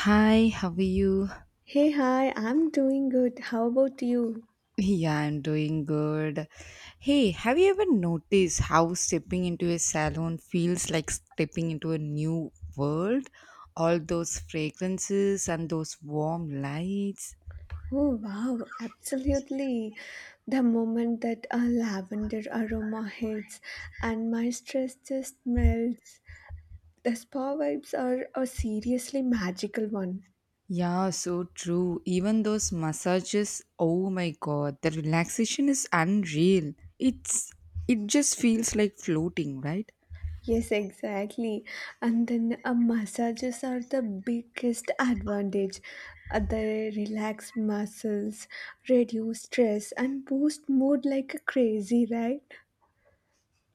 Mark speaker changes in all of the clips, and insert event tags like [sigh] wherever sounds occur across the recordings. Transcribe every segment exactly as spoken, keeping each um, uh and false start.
Speaker 1: Hi, how are you?
Speaker 2: Hey, hi, I'm doing good. How about you?
Speaker 1: Yeah, I'm doing good. Hey, have you ever noticed how stepping into a salon feels like stepping into a new world? All those fragrances and those warm lights.
Speaker 2: Oh, wow, absolutely. The moment that a lavender aroma hits and my stress just melts. The spa vibes are a seriously magical one.
Speaker 1: Yeah, so true. Even those massages, oh my god, the relaxation is unreal. It's it just feels like floating, right?
Speaker 2: Yes, exactly. And then uh, massages are the biggest advantage. Uh, they relax muscles, reduce stress, and boost mood like a crazy, right?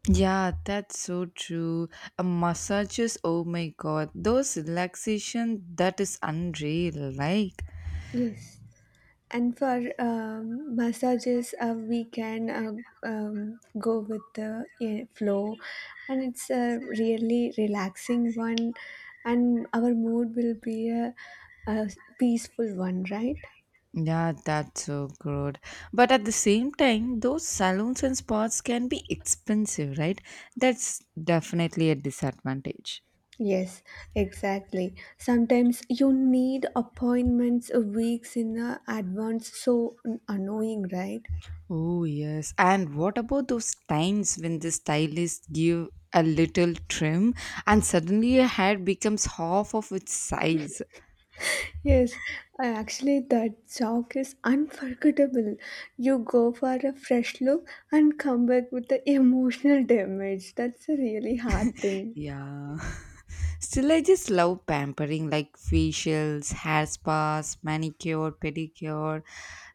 Speaker 1: Yeah, that's so true. A massages, oh my god, those relaxation that is unreal. Like,
Speaker 2: Yes. And for um, massages, uh, we can uh, um, go with the eh, flow, and it's a really relaxing one, and our mood will be a, a peaceful one, right?
Speaker 1: yeah, that's so good. But at the same time, those salons and spas can be expensive, right? That's definitely a disadvantage.
Speaker 2: Yes, exactly. Sometimes you need appointments a weeks in uh, advance, so annoying, right?
Speaker 1: Oh yes, and what about those times when the stylist give a little trim and suddenly your hair becomes half of its size?
Speaker 2: Yes, I actually that jog is unforgettable. You go for a fresh look and come back with the emotional damage. That's a really hard thing.
Speaker 1: Yeah. [laughs] Still, I just love pampering like facials, hair spas, manicure, pedicure.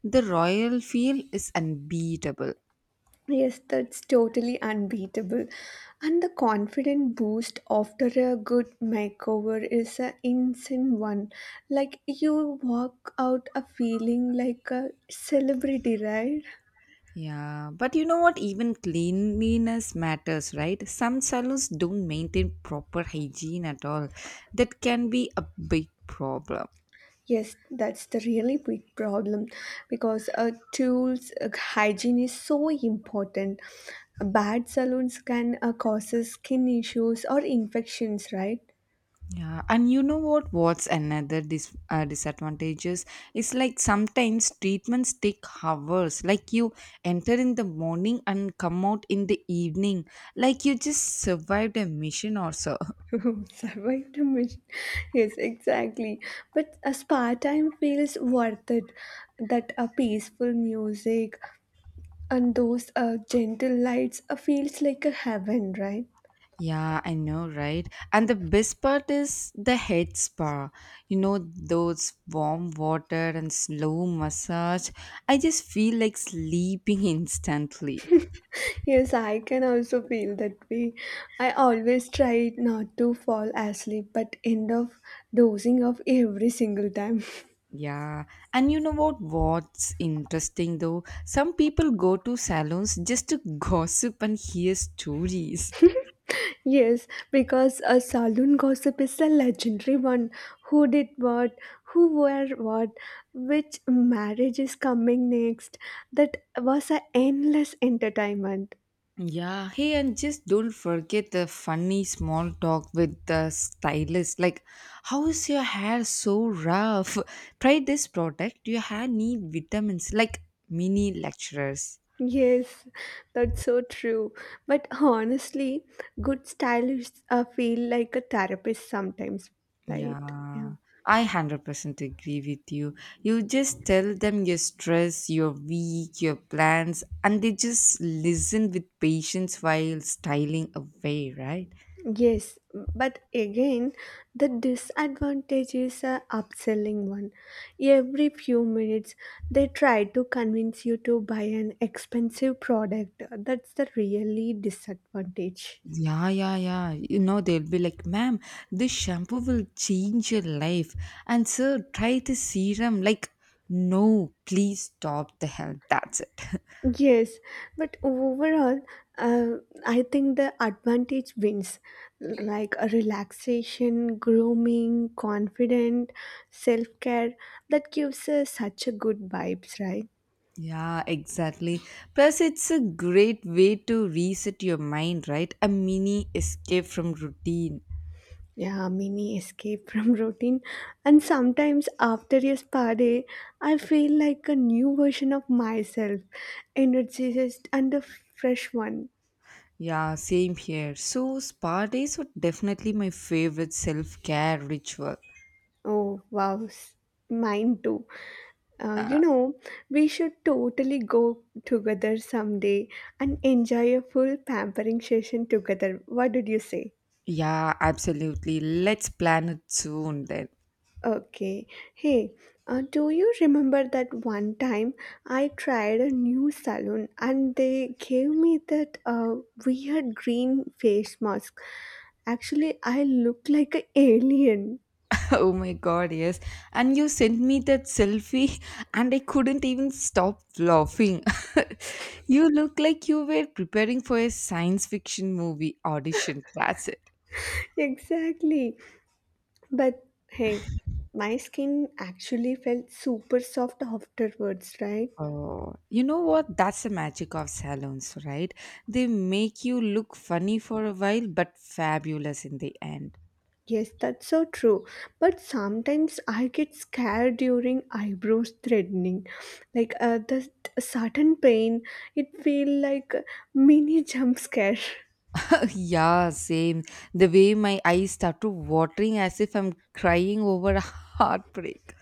Speaker 1: The royal feel is unbeatable.
Speaker 2: Yes, that's totally unbeatable. And the confident boost after a good makeover is an insane one. Like you walk out a feeling like a celebrity, right?
Speaker 1: Yeah, but you know what? Even cleanliness matters, right? Some salons don't maintain proper hygiene at all. That can be a big problem.
Speaker 2: Yes, that's the really big problem because a tools uh, hygiene is so important. Bad salons can uh, cause skin issues or infections, right?
Speaker 1: Yeah, and you know what? What's another dis- uh, disadvantages? It's like sometimes treatments take hours. Like you enter in the morning and come out in the evening. Like you just survived a mission or so. [laughs]
Speaker 2: [laughs] Survive the mission. Yes, exactly. But a spa time feels worth it. That a peaceful music and those uh, gentle lights uh, feels like a heaven, right?
Speaker 1: Yeah, I know, right? And the best part is the head spa. You know, those warm water and slow massage. I just feel like sleeping [laughs] instantly.
Speaker 2: Yes, I can also feel that way. I always try not to fall asleep but end up dozing off every single time.
Speaker 1: Yeah, and you know what? What's interesting though? Some people go to salons just to [laughs] gossip and hear stories.
Speaker 2: [laughs] yes, because a saloon gossip is a legendary one. Who did what? Who wore what? Which marriage is coming next? That was an endless entertainment.
Speaker 1: Yeah, hey, and just don't forget the funny small talk with the stylist. Like, how is your hair so rough? [laughs] Try this product. Your hair need vitamins. Like mini lecturers.
Speaker 2: Yes, that's so true. But honestly, good stylists uh, feel like a therapist sometimes, right? Yeah.
Speaker 1: Yeah, I one hundred percent agree with you. You just tell them your stress, your week, your plans, and they just listen with patience while styling away, right?
Speaker 2: Yes, but again, the disadvantage is a upselling one. Every few minutes, they try to convince you to buy an expensive product. That's the really disadvantage.
Speaker 1: Yeah, yeah, yeah. You know, they'll be like, ma'am, this shampoo will change your life. And sir, try the serum. Like, no, please stop the help. That's it.
Speaker 2: Yes, but overall, uh, I think the advantage wins like a relaxation, grooming, confident, self care that gives us such a good vibes, right?
Speaker 1: Yeah, exactly. Plus, it's a great way to reset your mind, right? A mini escape from routine.
Speaker 2: Yeah, mini escape [laughs] from routine. And sometimes after a spa day, I feel like a new version of myself, energized and a fresh one.
Speaker 1: Yeah, same here. So, spa days were definitely my favorite self care ritual.
Speaker 2: Oh, wow, s- mine too. Uh,
Speaker 1: Uh,
Speaker 2: you know, we should totally go together someday and enjoy a full pampering session together. What did you say?
Speaker 1: yeah, absolutely. Let's plan it soon then. [laughs]
Speaker 2: Okay. Hey, uh, do you remember that one time I tried a new salon and they gave me that uh, weird green face mask? Actually, I look like an alien.
Speaker 1: Oh my god, yes. And you sent me that selfie, [laughs] and I couldn't even stop laughing. [laughs] You look like you were preparing for a science fiction movie audition. That's
Speaker 2: [laughs] Exactly. But hey, my skin actually felt super soft afterwards, right?
Speaker 1: Oh, you know what? That's the magic of salons, right? They make you look funny for a while, but fabulous in the end.
Speaker 2: Yes, that's so true. But sometimes I get scared during eyebrows threatening, like uh, the a sudden pain. It feel like a mini jump scare.
Speaker 1: [laughs] Yeah, same. The way my eyes start to watering as if I'm crying over a [laughs] heartbreak.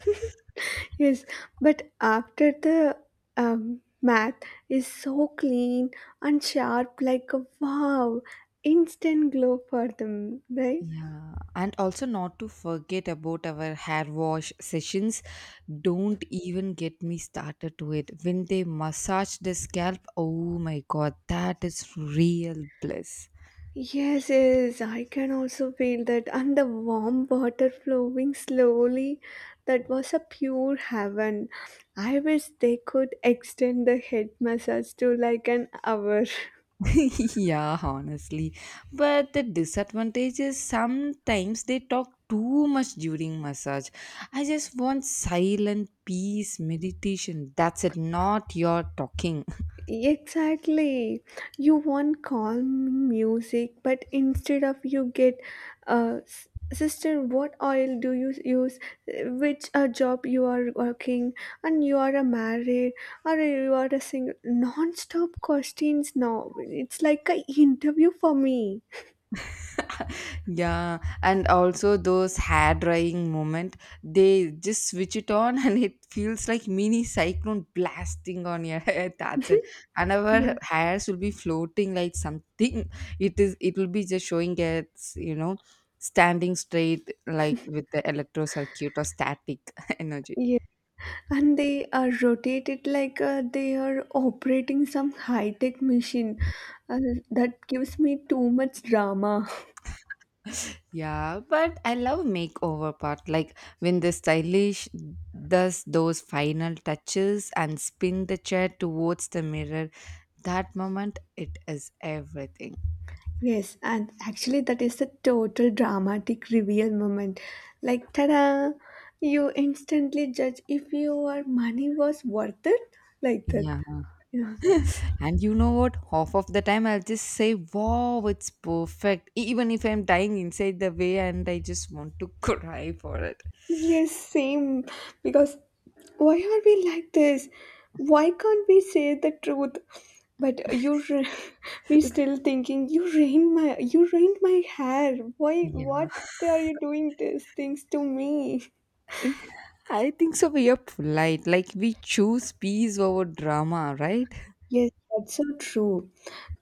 Speaker 2: [laughs] yes, but after the um, math is so clean and sharp, like a wow, instant glow for them, right?
Speaker 1: Yeah, and also not to forget about our hair wash sessions. Don't even get me started to it. When they massage the scalp, oh my god, that is real bliss.
Speaker 2: Yes, yes, I can also feel that. And the warm water flowing slowly, that was a pure heaven. I wish they could extend the head massage to like an hour. [laughs]
Speaker 1: [laughs] Yeah, honestly. But the disadvantage is sometimes they talk too much during massage. I just want silent peace, meditation. That's it, not your talking.
Speaker 2: Exactly. You want calming music, but instead of you get, uh, s- sister, what oil do you use? Which uh, job you are working, and you are a married, or you are a single. Non-stop questions now. It's like a interview for me.
Speaker 1: Yeah, and also those hair drying moment, they just switch it on [laughs] and it feels like mini cyclone blasting on your head. [laughs] That's it. And our
Speaker 2: Yeah,
Speaker 1: hairs will be floating like something. It is. It will be just showing its, you know, standing straight like with the electro circuit or static [laughs] energy.
Speaker 2: yeah. And they are rotated like uh, they are operating some high-tech machine. Uh, that gives me too much drama.
Speaker 1: Yeah, but I love makeover part. Like when the stylish does those final touches and spin the chair towards the mirror, that moment it is everything.
Speaker 2: Yes, and actually, that is the total dramatic reveal moment. Like, ta-da! You instantly judge if your money was worth it, like that.
Speaker 1: Yeah.
Speaker 2: Yeah.
Speaker 1: And you know what? Half of the time I'll just say, wow, it's perfect. Even if I'm dying inside the way and I just want to [laughs] cry for it.
Speaker 2: Yes, same. Because why are we like this? Why can't we say the truth? But you, r- [laughs] we still thinking you ruined my, you ruined my hair. Why?
Speaker 1: Yeah.
Speaker 2: What are you doing these things to me?
Speaker 1: I think so. We are polite. Like we choose peace over drama, right?
Speaker 2: Yes, that's so true.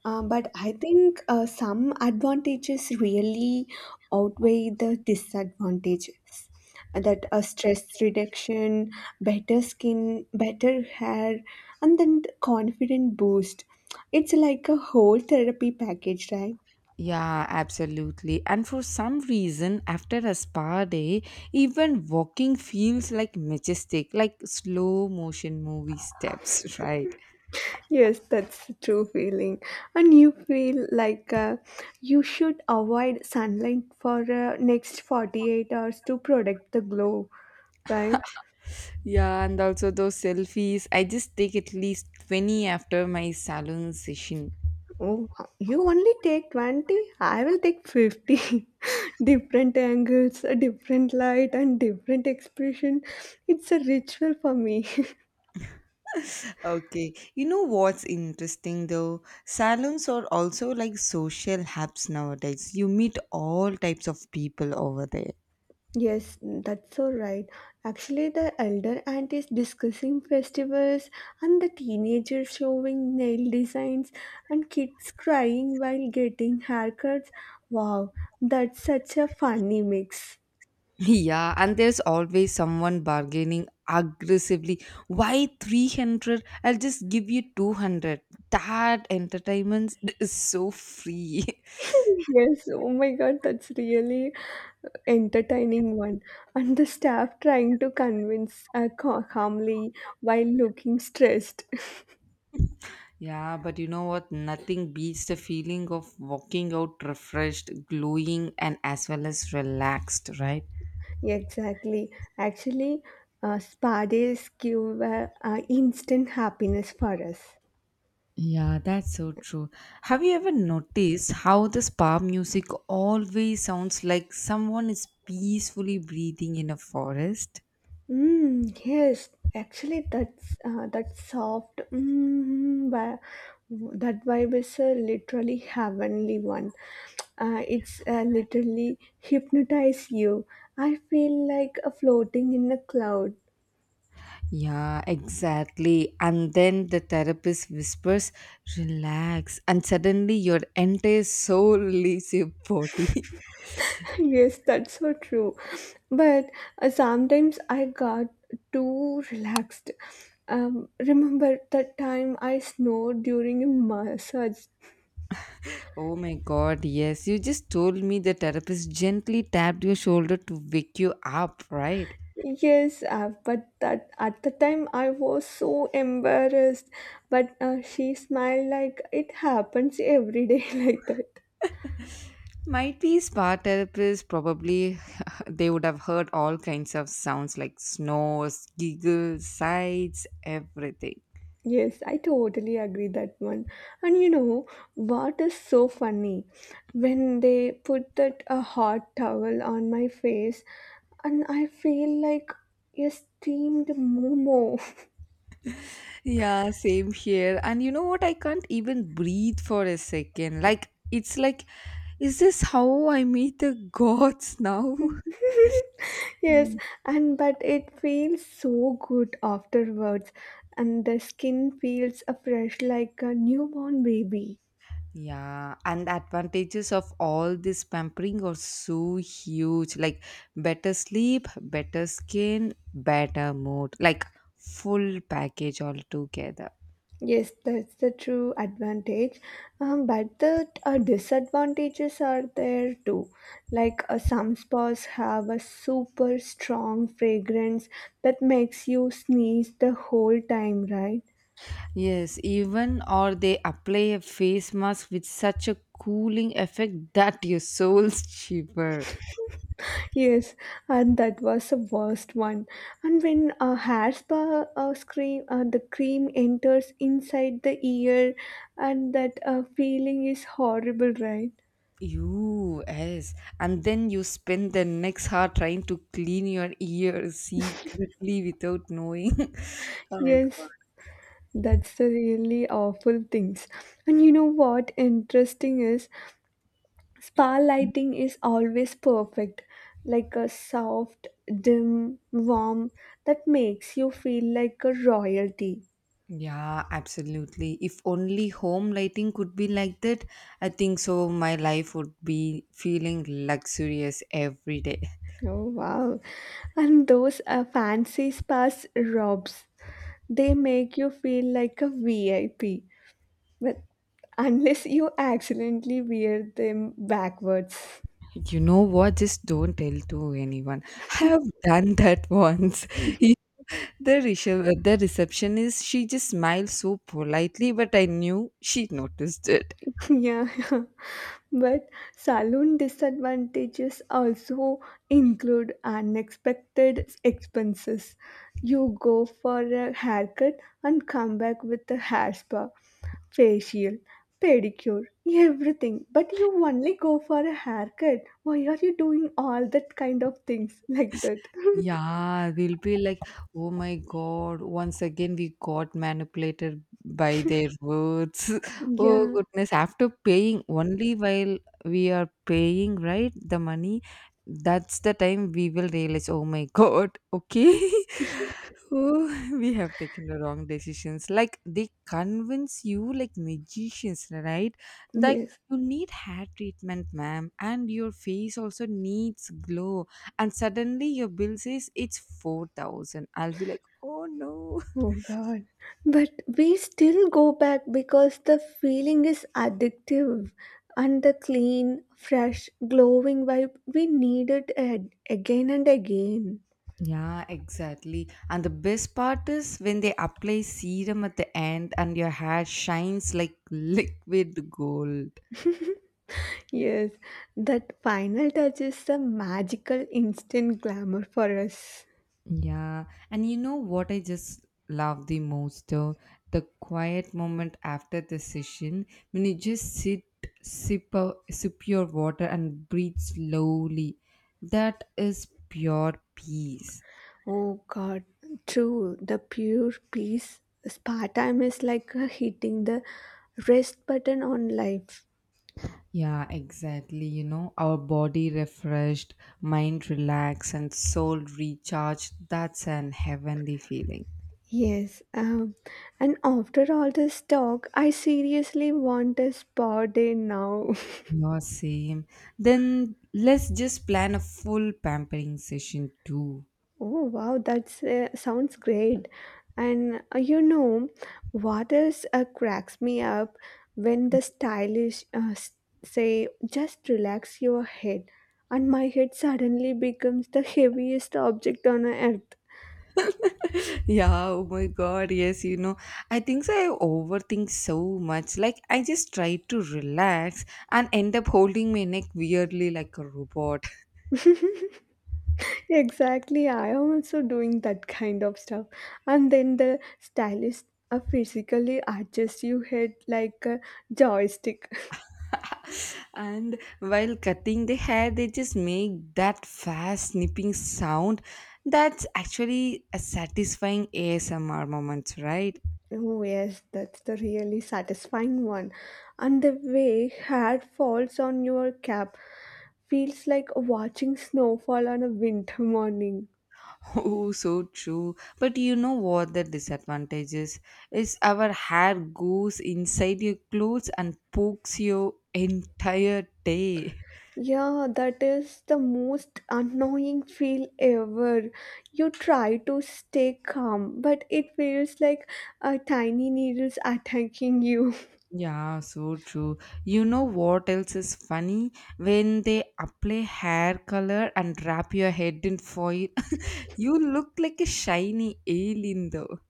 Speaker 2: Uh, but I think uh, some advantages really outweigh the disadvantages. That uh, stress reduction, better skin, better hair, and then the confident boost. It's like a whole therapy package, right?
Speaker 1: Yeah, absolutely. And for some reason, after a spa day, even walking feels like majestic, like slow motion movie steps, [laughs] right?
Speaker 2: Yes, that's a true feeling. And you feel like uh, you should avoid sunlight for uh, next forty-eight hours to protect the glow, right?
Speaker 1: Yeah, and also those selfies. I just take at least twenty after my salon session.
Speaker 2: Oh, you only take twenty? I will take fifty. [laughs] different angles, a different light, and different expression. It's a ritual for me.
Speaker 1: Okay. You know what's interesting though? Salons are also like social hubs nowadays. You meet all types of people over there. [laughs]
Speaker 2: [laughs] yes, that's so right. Actually, the elder aunt is discussing festivals, and the teenagers showing nail designs, and kids crying while getting haircuts. Wow, that's such a funny mix.
Speaker 1: Yeah, and there's always someone bargaining aggressively. Why three hundred? I'll just give you two hundred. That entertainment is so free.
Speaker 2: Yes, oh my God, that's really entertaining one. And the staff trying to convince uh, ca- calmly while looking stressed. [laughs]
Speaker 1: [laughs] Yeah, but you know what? Nothing beats the feeling of walking out refreshed, glowing, and as well as relaxed, right?
Speaker 2: Exactly. Actually, uh, spa days give uh, uh, instant happiness for us.
Speaker 1: Yeah, that's so true. Have you ever noticed how the spa music always sounds like someone is peacefully breathing in a forest?
Speaker 2: Mm, yes, actually, that's uh, that soft mm, vi- that vibe is a literally heavenly one. Uh, it's uh, Literally hypnotize you. I feel like uh, floating in a cloud.
Speaker 1: Yeah, exactly. And then the therapist whispers, relax, and suddenly your entire soul leaves your body.
Speaker 2: [laughs] yes, that's so true. But uh, sometimes I got too relaxed. Um, remember that time I snored during a massage?
Speaker 1: [laughs] Oh my god, yes. You just told me the therapist gently tapped your shoulder to wake you up, right?
Speaker 2: Yes, uh, but that at the time I was so embarrassed. But uh, she smiled like it happens every day [laughs] like that.
Speaker 1: Might be spa therapists probably [laughs] they would have heard all kinds of sounds like snores, giggles, sighs, everything.
Speaker 2: Yes, I totally agree that one. And you know what is so funny? When they put that a hot towel on my face, and I feel like a steamed momo. [laughs]
Speaker 1: Yeah, same here. And you know what? I can't even breathe for a second. Like it's like is this how I meet the gods now? [laughs] Yeah.
Speaker 2: Yes, and but it feels so good afterwards, and the skin feels uh, fresh like a newborn baby.
Speaker 1: Yeah, and the advantages of all this pampering are so huge. Like better sleep, better skin, better mood. Like full package altogether.
Speaker 2: Yes, that's the true advantage. Um, but the uh, disadvantages are there too. Like uh, some spas have a super strong fragrance that makes you sneeze the whole time, right?
Speaker 1: Yes, even or they apply a face mask with such a cooling effect [laughs] that your soul's cheaper.
Speaker 2: Yes, and that was the worst one. And when a hair spa uh, cream, uh, the cream enters inside the ear, and that uh, feeling is horrible, right?
Speaker 1: You yes, and then you spend the next hour trying to clean your ears [laughs] secretly without knowing. [laughs] Oh.
Speaker 2: Yes, that's the really awful things. And you know what interesting is? Spa lighting is always perfect, like a soft, dim, warm that makes you feel like a royalty.
Speaker 1: Yeah, absolutely. If only home lighting could be like that, I think so my life would be feeling luxurious every day.
Speaker 2: Oh wow. And those uh, fancy spas robes, they make you feel like a V I P. But unless you accidentally wear them backwards.
Speaker 1: You know what? Just don't tell to anyone. [laughs] I have done that once. [laughs] The recep the receptionist, she just smiled so politely, but I knew she noticed it.
Speaker 2: [laughs] yeah. But saloon disadvantages also include unexpected expenses. You go for a haircut and come back with a hair spa, facial, pedicure, everything. But you only go for a haircut. Why are you doing all that kind of things like that? [laughs]
Speaker 1: Yeah, we'll be like, oh my God, once again we got manipulated by their words. [laughs] Oh
Speaker 2: Yeah,
Speaker 1: goodness, after paying, only while we are paying, right, the money, that's the time we will realize, oh my God, okay. [laughs] Oh, [laughs] we have taken the wrong decisions. Like they convince you like magicians, right? Like
Speaker 2: yes.
Speaker 1: you need hair treatment, ma'am, and your face also needs glow and suddenly your bill says it's four thousand. I'll be like, oh no.
Speaker 2: Oh
Speaker 1: [laughs]
Speaker 2: God. But we still go back because the feeling is addictive and the clean, fresh, glowing vibe, we need it ad- again and again.
Speaker 1: Yeah, exactly. And the best part is when they apply serum at the end and your hair shines like [laughs] liquid gold.
Speaker 2: Yes, that final touch is the magical instant glamour for us.
Speaker 1: Yeah. And you know what I just love the most though? The quiet moment after the session when you just sit, sip, a, sip your water and breathe slowly. That is pure peace.
Speaker 2: Oh God, true. The pure peace. Spa time is like uh, hitting the rest button on life.
Speaker 1: Yeah, exactly. You know, our body refreshed, mind relaxed, and soul recharged. That's an heavenly feeling.
Speaker 2: Yes, um, and after all this talk, I seriously want a spa day now. [laughs]
Speaker 1: No, same. Then let's just plan a full pampering session too.
Speaker 2: Oh wow, that's uh, sounds great. And uh, you know, what else uh, cracks me up when the stylish uh, s- say, "Just relax your head," and my head suddenly becomes the heaviest object on earth.
Speaker 1: [laughs] Yeah, oh my god, yes, you know, I think so I overthink so much. Like, I just try to relax and end up holding my neck weirdly like a robot.
Speaker 2: [laughs] Exactly, I am also doing that kind of stuff. And then the stylist uh, physically adjusts your head like a joystick. [laughs]
Speaker 1: And while cutting the hair they just make that fast snipping sound, that's actually a satisfying ASMR moments, right?
Speaker 2: Oh, yes, that's the really satisfying one. And the way hair falls on your cap feels like watching snowfall on a winter morning.
Speaker 1: [laughs] Oh so true. But you know what the disadvantage is? Is our hair goes inside your clothes and pokes your entire day.
Speaker 2: Yeah, that is the most annoying feel ever. You try to stay calm, but it feels like a tiny needles attacking you. [laughs]
Speaker 1: [laughs] Yeah, so true. You know what else is funny? When they apply hair color and wrap your head in foil, you look like a shiny alien though.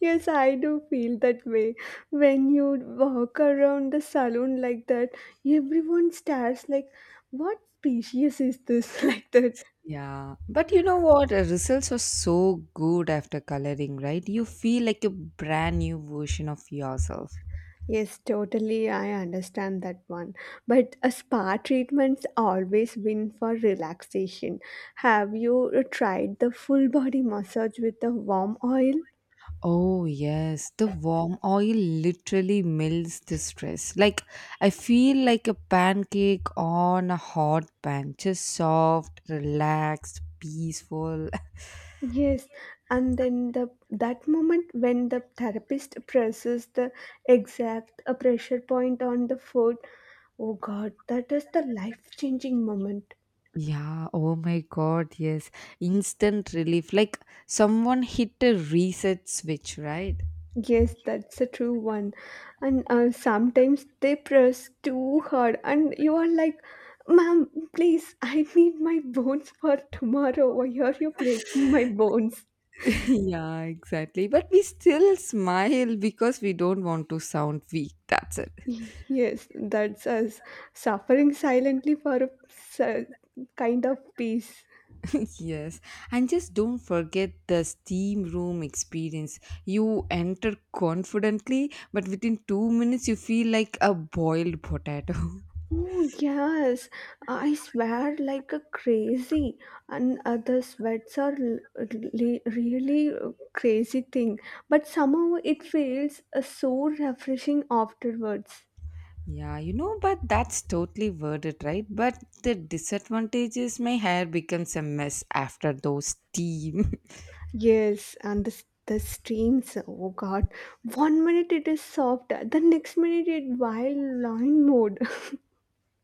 Speaker 2: Yes, I do feel that way. When you walk around the saloon like that, everyone stares like, what species is this? [laughs] like that.
Speaker 1: Yeah. But you know what? The results are so good after coloring, right? You feel like a brand new version of yourself.
Speaker 2: Yes, totally. I understand that one. But a spa treatments always win for relaxation. Have you tried the full body massage with the warm oil?
Speaker 1: Oh, yes. The warm oil literally melts the stress. Like, I feel like a pancake on a hot pan, just soft, relaxed, peaceful. [laughs]
Speaker 2: Yes, and then the that moment when the therapist presses the exact uh, pressure point on the foot, oh god, that is the life changing moment.
Speaker 1: Yeah, oh my God, yes. Instant relief. Like someone hit a reset switch, right?
Speaker 2: Yes, that's a true one. And uh, sometimes they press too hard, and you are like, Ma'am, please, I need my bones for tomorrow. Why are you breaking my bones?
Speaker 1: [laughs] Yeah, exactly. But we still smile because we don't want to sound weak. That's it.
Speaker 2: Yes, that's us suffering silently for a s- kind of peace.
Speaker 1: [laughs] Yes. And just don't forget the steam room experience. You enter confidently, but within two minutes, you feel like a boiled potato. [laughs]
Speaker 2: Oh, yes, I swear like a crazy, and uh, the sweats are l- li- really uh, crazy thing, but somehow it feels uh, so refreshing afterwards.
Speaker 1: Yeah, you know, but that's totally worth it, right? But the disadvantage is my hair becomes a mess after those steam.
Speaker 2: Yes, and the, s- the streams, oh god, one minute it is soft, the next minute it wild line mode. [laughs]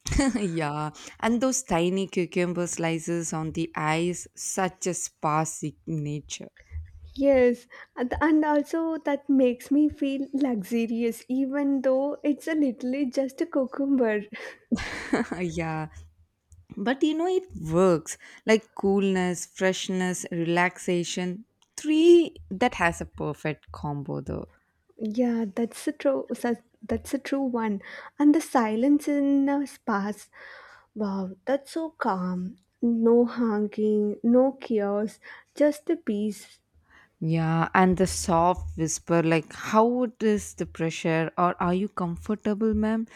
Speaker 1: [laughs] Yeah, and those tiny cucumber slices on the eyes, such a spa signature.
Speaker 2: Yes, and and also that makes me feel luxurious, even though it's a literally just a cucumber.
Speaker 1: [laughs] Yeah, but you know, it works like coolness, freshness, relaxation. Three that has a perfect combo, though.
Speaker 2: Yeah, that's a true. su- That's a true one. And the silence in the spas. Wow, that's so calm. No honking, no chaos, just the peace.
Speaker 1: Yeah, and the soft whisper, like, how it is the pressure, or are you comfortable, ma'am?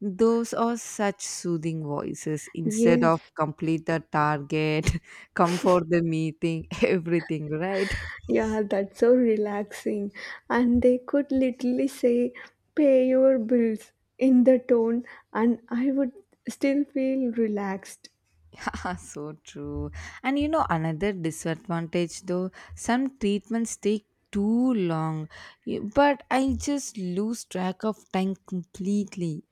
Speaker 1: Those are such soothing voices instead
Speaker 2: Yes,
Speaker 1: of complete the target, [laughs] come for the meeting, [laughs] everything, right?
Speaker 2: yeah, that's so relaxing. And they could literally say, "Pay your bills" in the tone, and I would still feel relaxed.
Speaker 1: [laughs] So true. And you know, another disadvantage though, some treatments take too long, y- but I just lose track of time completely.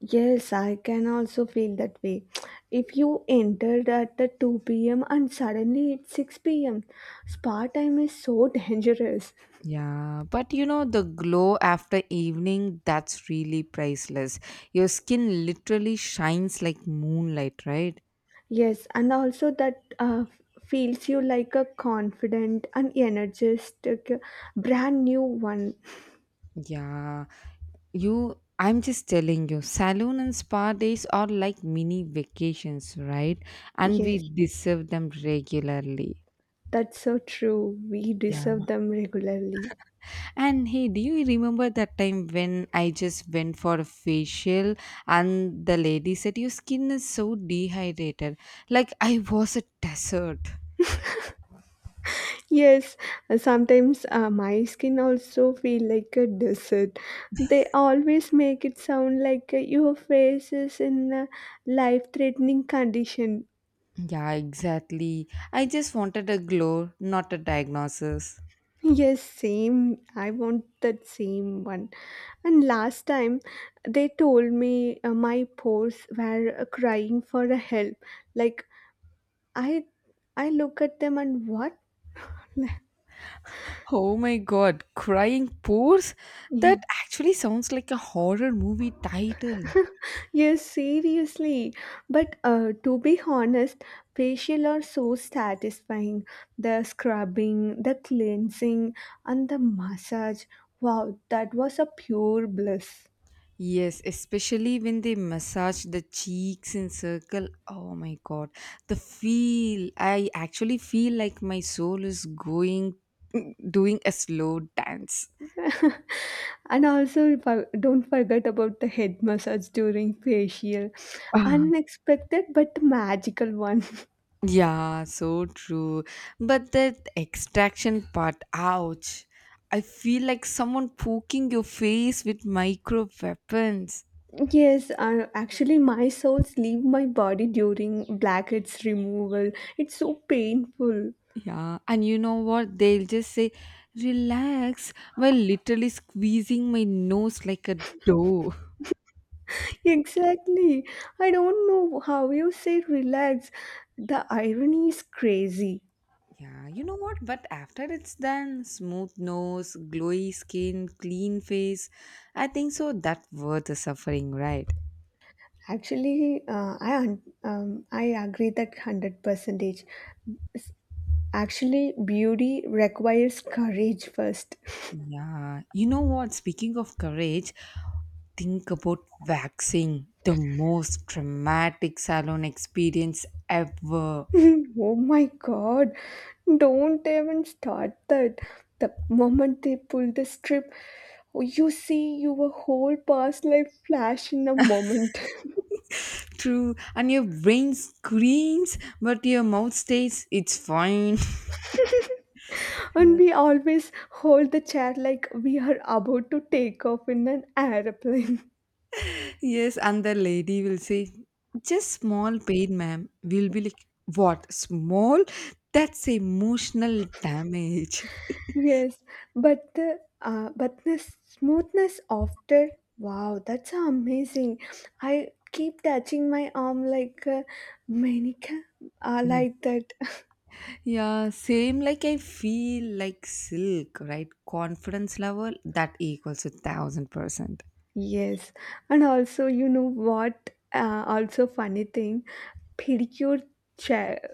Speaker 2: Yes, I can also feel that way. If you entered at the two p m and suddenly it's six p m, spa time is so [laughs] dangerous.
Speaker 1: Yeah, but you know, the glow after evening, that's really priceless. Your skin literally shines like moonlight, right?
Speaker 2: Yes, and also that uh, feels you like a confident and energetic, uh, brand new one.
Speaker 1: Yeah, you. I'm just telling you, salon and spa days are like mini vacations, right? And
Speaker 2: Yes,
Speaker 1: we deserve them regularly.
Speaker 2: that's so true. We deserve
Speaker 1: Yeah.
Speaker 2: them regularly.
Speaker 1: And hey, do you remember that time when I just went for a facial and the lady said, your skin is so dehydrated? Like I was a desert.
Speaker 2: Yes, uh, sometimes uh, my skin also feel like a desert. They always make it sound like uh, your face is in a life-threatening condition.
Speaker 1: Yeah, exactly. I just wanted a glow, not a diagnosis.
Speaker 2: Yes, same. I want that same one. And last time they told me uh, my pores were uh, crying for a help. Like I I look at them and what? [laughs]
Speaker 1: Oh my god, crying pores?
Speaker 2: Yeah.
Speaker 1: That actually sounds like a horror movie title.
Speaker 2: Yes, seriously. But uh, to be honest, facial are so satisfying. The scrubbing, the cleansing, and the massage. Wow, that was a pure bliss.
Speaker 1: Yes, especially when they massage the cheeks in circle. Oh my god, the feel. I actually feel like my soul is going [laughs] doing a slow dance.
Speaker 2: [laughs] And also, fo- don't forget about the head massage during facial.
Speaker 1: [laughs]
Speaker 2: Unexpected but magical one. [laughs]
Speaker 1: Yeah, so true. But that extraction part, ouch. I feel like someone poking your face with micro weapons.
Speaker 2: Yes, uh, actually, my souls leave my body during blackheads removal. It's so painful.
Speaker 1: Yeah, and you know what? They'll just say, relax, while literally squeezing my nose like a dough.
Speaker 2: [laughs] Exactly. I don't know how you say relax. The irony is crazy.
Speaker 1: Yeah, you know what? But after it's done, smooth nose, glowy skin, clean face, I think so that worth the suffering, right?
Speaker 2: Actually, uh, I un- um, I agree that hundred percentage. Actually, beauty requires courage first.
Speaker 1: Yeah, you know what? Speaking of courage, think about waxing, the most dramatic salon experience ever.
Speaker 2: [laughs] Oh my God! Don't even start that. The moment they pull the strip, you see your whole past life flash in a moment. [laughs]
Speaker 1: [laughs] True, and your brain screams, but your mouth stays, it's fine.
Speaker 2: And we always hold the chair like we are about to take off in an airplane.
Speaker 1: [laughs] Yes, and the lady will say, just small pain, ma'am. We'll be like, what? Small? That's emotional damage.
Speaker 2: [laughs] Yes, but the uh, but the smoothness after wow, that's amazing. I keep touching my arm like uh, Manika, uh, like that. [laughs]
Speaker 1: Yeah, same like I feel like silk, right? Confidence level that equals a thousand percent.
Speaker 2: Yes, and also you know what? Uh, also funny thing, pedicure chair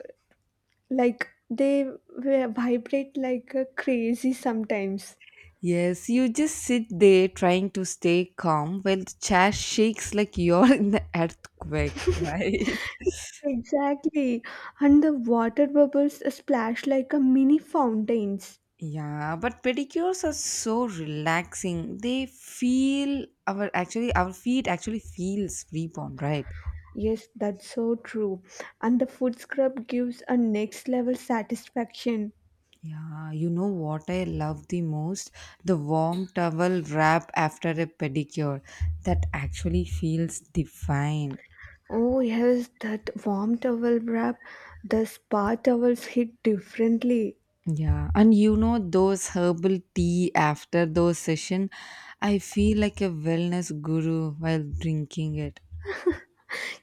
Speaker 2: like they vi- vibrate like a crazy sometimes.
Speaker 1: Yes, you just sit there trying to stay calm while the chair shakes like you're [laughs] in the earthquake, [laughs] right?
Speaker 2: Exactly. And the water bubbles splash like a mini fountains.
Speaker 1: Yeah, but pedicures are so relaxing. They feel our actually our feet actually feels reborn, right?
Speaker 2: Yes, that's so true. And the foot scrub gives a next level satisfaction.
Speaker 1: Yeah, you know what I love the most? The warm towel wrap after a pedicure. That actually feels divine.
Speaker 2: Oh, yes, that warm towel wrap, the spa towels hit differently.
Speaker 1: Yeah, and you know those herbal tea after those session, I feel like a wellness guru while drinking it.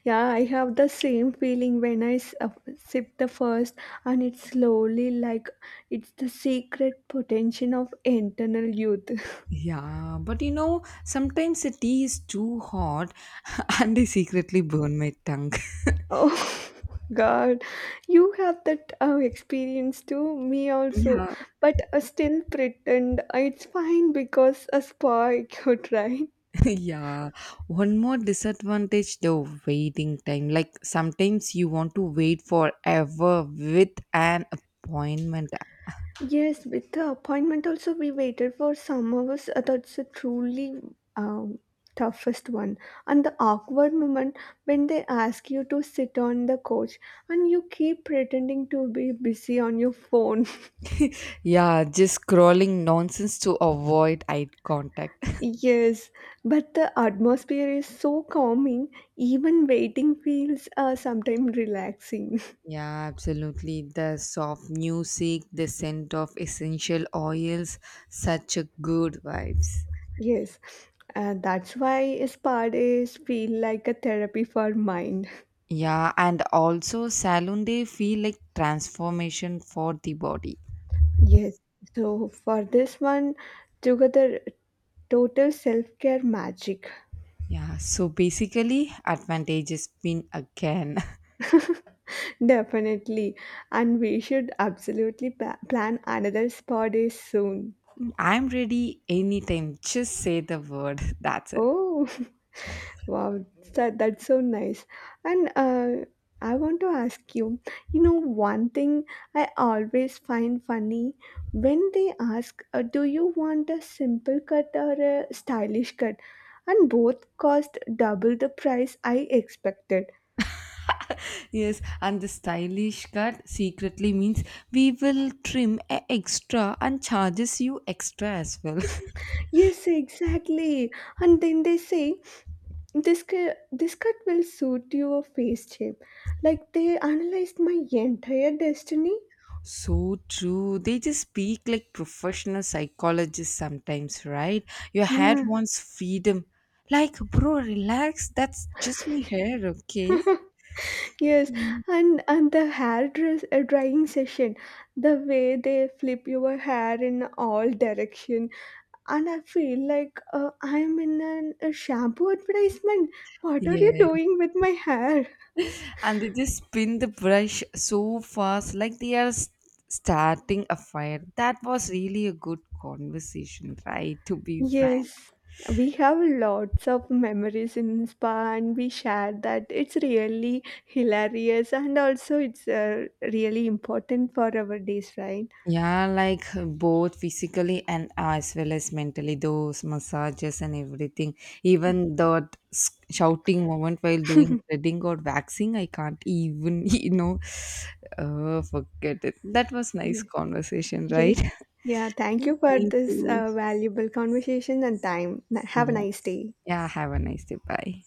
Speaker 2: Yeah, I have the same feeling when I s- uh, sip the first, and it's slowly like it's the secret potential of internal youth. [laughs]
Speaker 1: Yeah, but you know, sometimes the tea is too hot [laughs] and I secretly burn my tongue. [laughs]
Speaker 2: Oh [laughs] God, you have that uh, experience too, me also.
Speaker 1: Yeah,
Speaker 2: But I still pretend uh, it's fine because a spa could, right? [laughs]
Speaker 1: [laughs] yeah, one more disadvantage though, waiting time, like sometimes you want to wait forever with an appointment.
Speaker 2: Yes, with the appointment also we waited for some hours. Uh, That's a truly um, toughest one. And the awkward moment when they ask you to sit on the couch and you keep pretending to be busy on your phone. [laughs]
Speaker 1: Yeah, just scrolling nonsense to avoid eye contact.
Speaker 2: Yes, but the atmosphere is so calming, even waiting feels uh, sometimes relaxing. [laughs]
Speaker 1: [laughs] Yeah, absolutely, the soft music, the scent of essential oils, such a good vibes.
Speaker 2: Yes, uh, that's why spa days feel like a therapy for mind.
Speaker 1: Yeah, and also salon day feel like transformation for the body.
Speaker 2: [laughs] Yes, so for this one, together, total self care magic.
Speaker 1: Yeah, so basically advantages win again. [laughs]
Speaker 2: [laughs] Definitely, and we should absolutely pa- plan another spa day soon.
Speaker 1: I'm ready anytime. Just say the word. [laughs] That's it.
Speaker 2: Oh. [laughs] Wow, that, that's so nice. And uh, I want to ask you, you know, one thing I always find funny when they ask, uh, do you want a simple cut or a stylish cut? And both cost double the price I expected.
Speaker 1: [laughs] Yes, and the stylish cut secretly means we will trim a extra and charges you extra as well.
Speaker 2: Yes, exactly. And then they say, this, cu- this cut will suit your face shape. Like they analyzed my entire destiny.
Speaker 1: [laughs] So true. They just speak like professional psychologists sometimes, right? Your hair
Speaker 2: Yeah.
Speaker 1: wants freedom. Like, bro, relax. That's just my hair, okay?
Speaker 2: [laughs] Yes,
Speaker 1: Mm.
Speaker 2: and and the hair dress, uh, drying session, the way they flip your hair in all direction, and I feel like uh, I'm in an, a shampoo advertisement. What are you
Speaker 1: Yeah.
Speaker 2: doing with my hair?
Speaker 1: And they just spin the brush so fast like they are s- starting a fire. That was really a good conversation, right, to be frank?
Speaker 2: Yes, we have lots of memories in spa, and we share that. It's really hilarious, and also it's uh, really important for our days, right?
Speaker 1: Yeah, like uh, both physically and uh, as well as mentally those massages and everything, even that s- shouting moment while doing threading or waxing, I can't even [laughs] you know, uh, forget it. That was nice
Speaker 2: Yes.
Speaker 1: conversation,
Speaker 2: Yes.
Speaker 1: right?
Speaker 2: Yeah. Thank you
Speaker 1: [laughs]
Speaker 2: for
Speaker 1: Thank
Speaker 2: this
Speaker 1: you.
Speaker 2: uh, valuable conversation and time. Have a
Speaker 1: Yeah.
Speaker 2: nice day.
Speaker 1: Yeah, have a nice day, bye.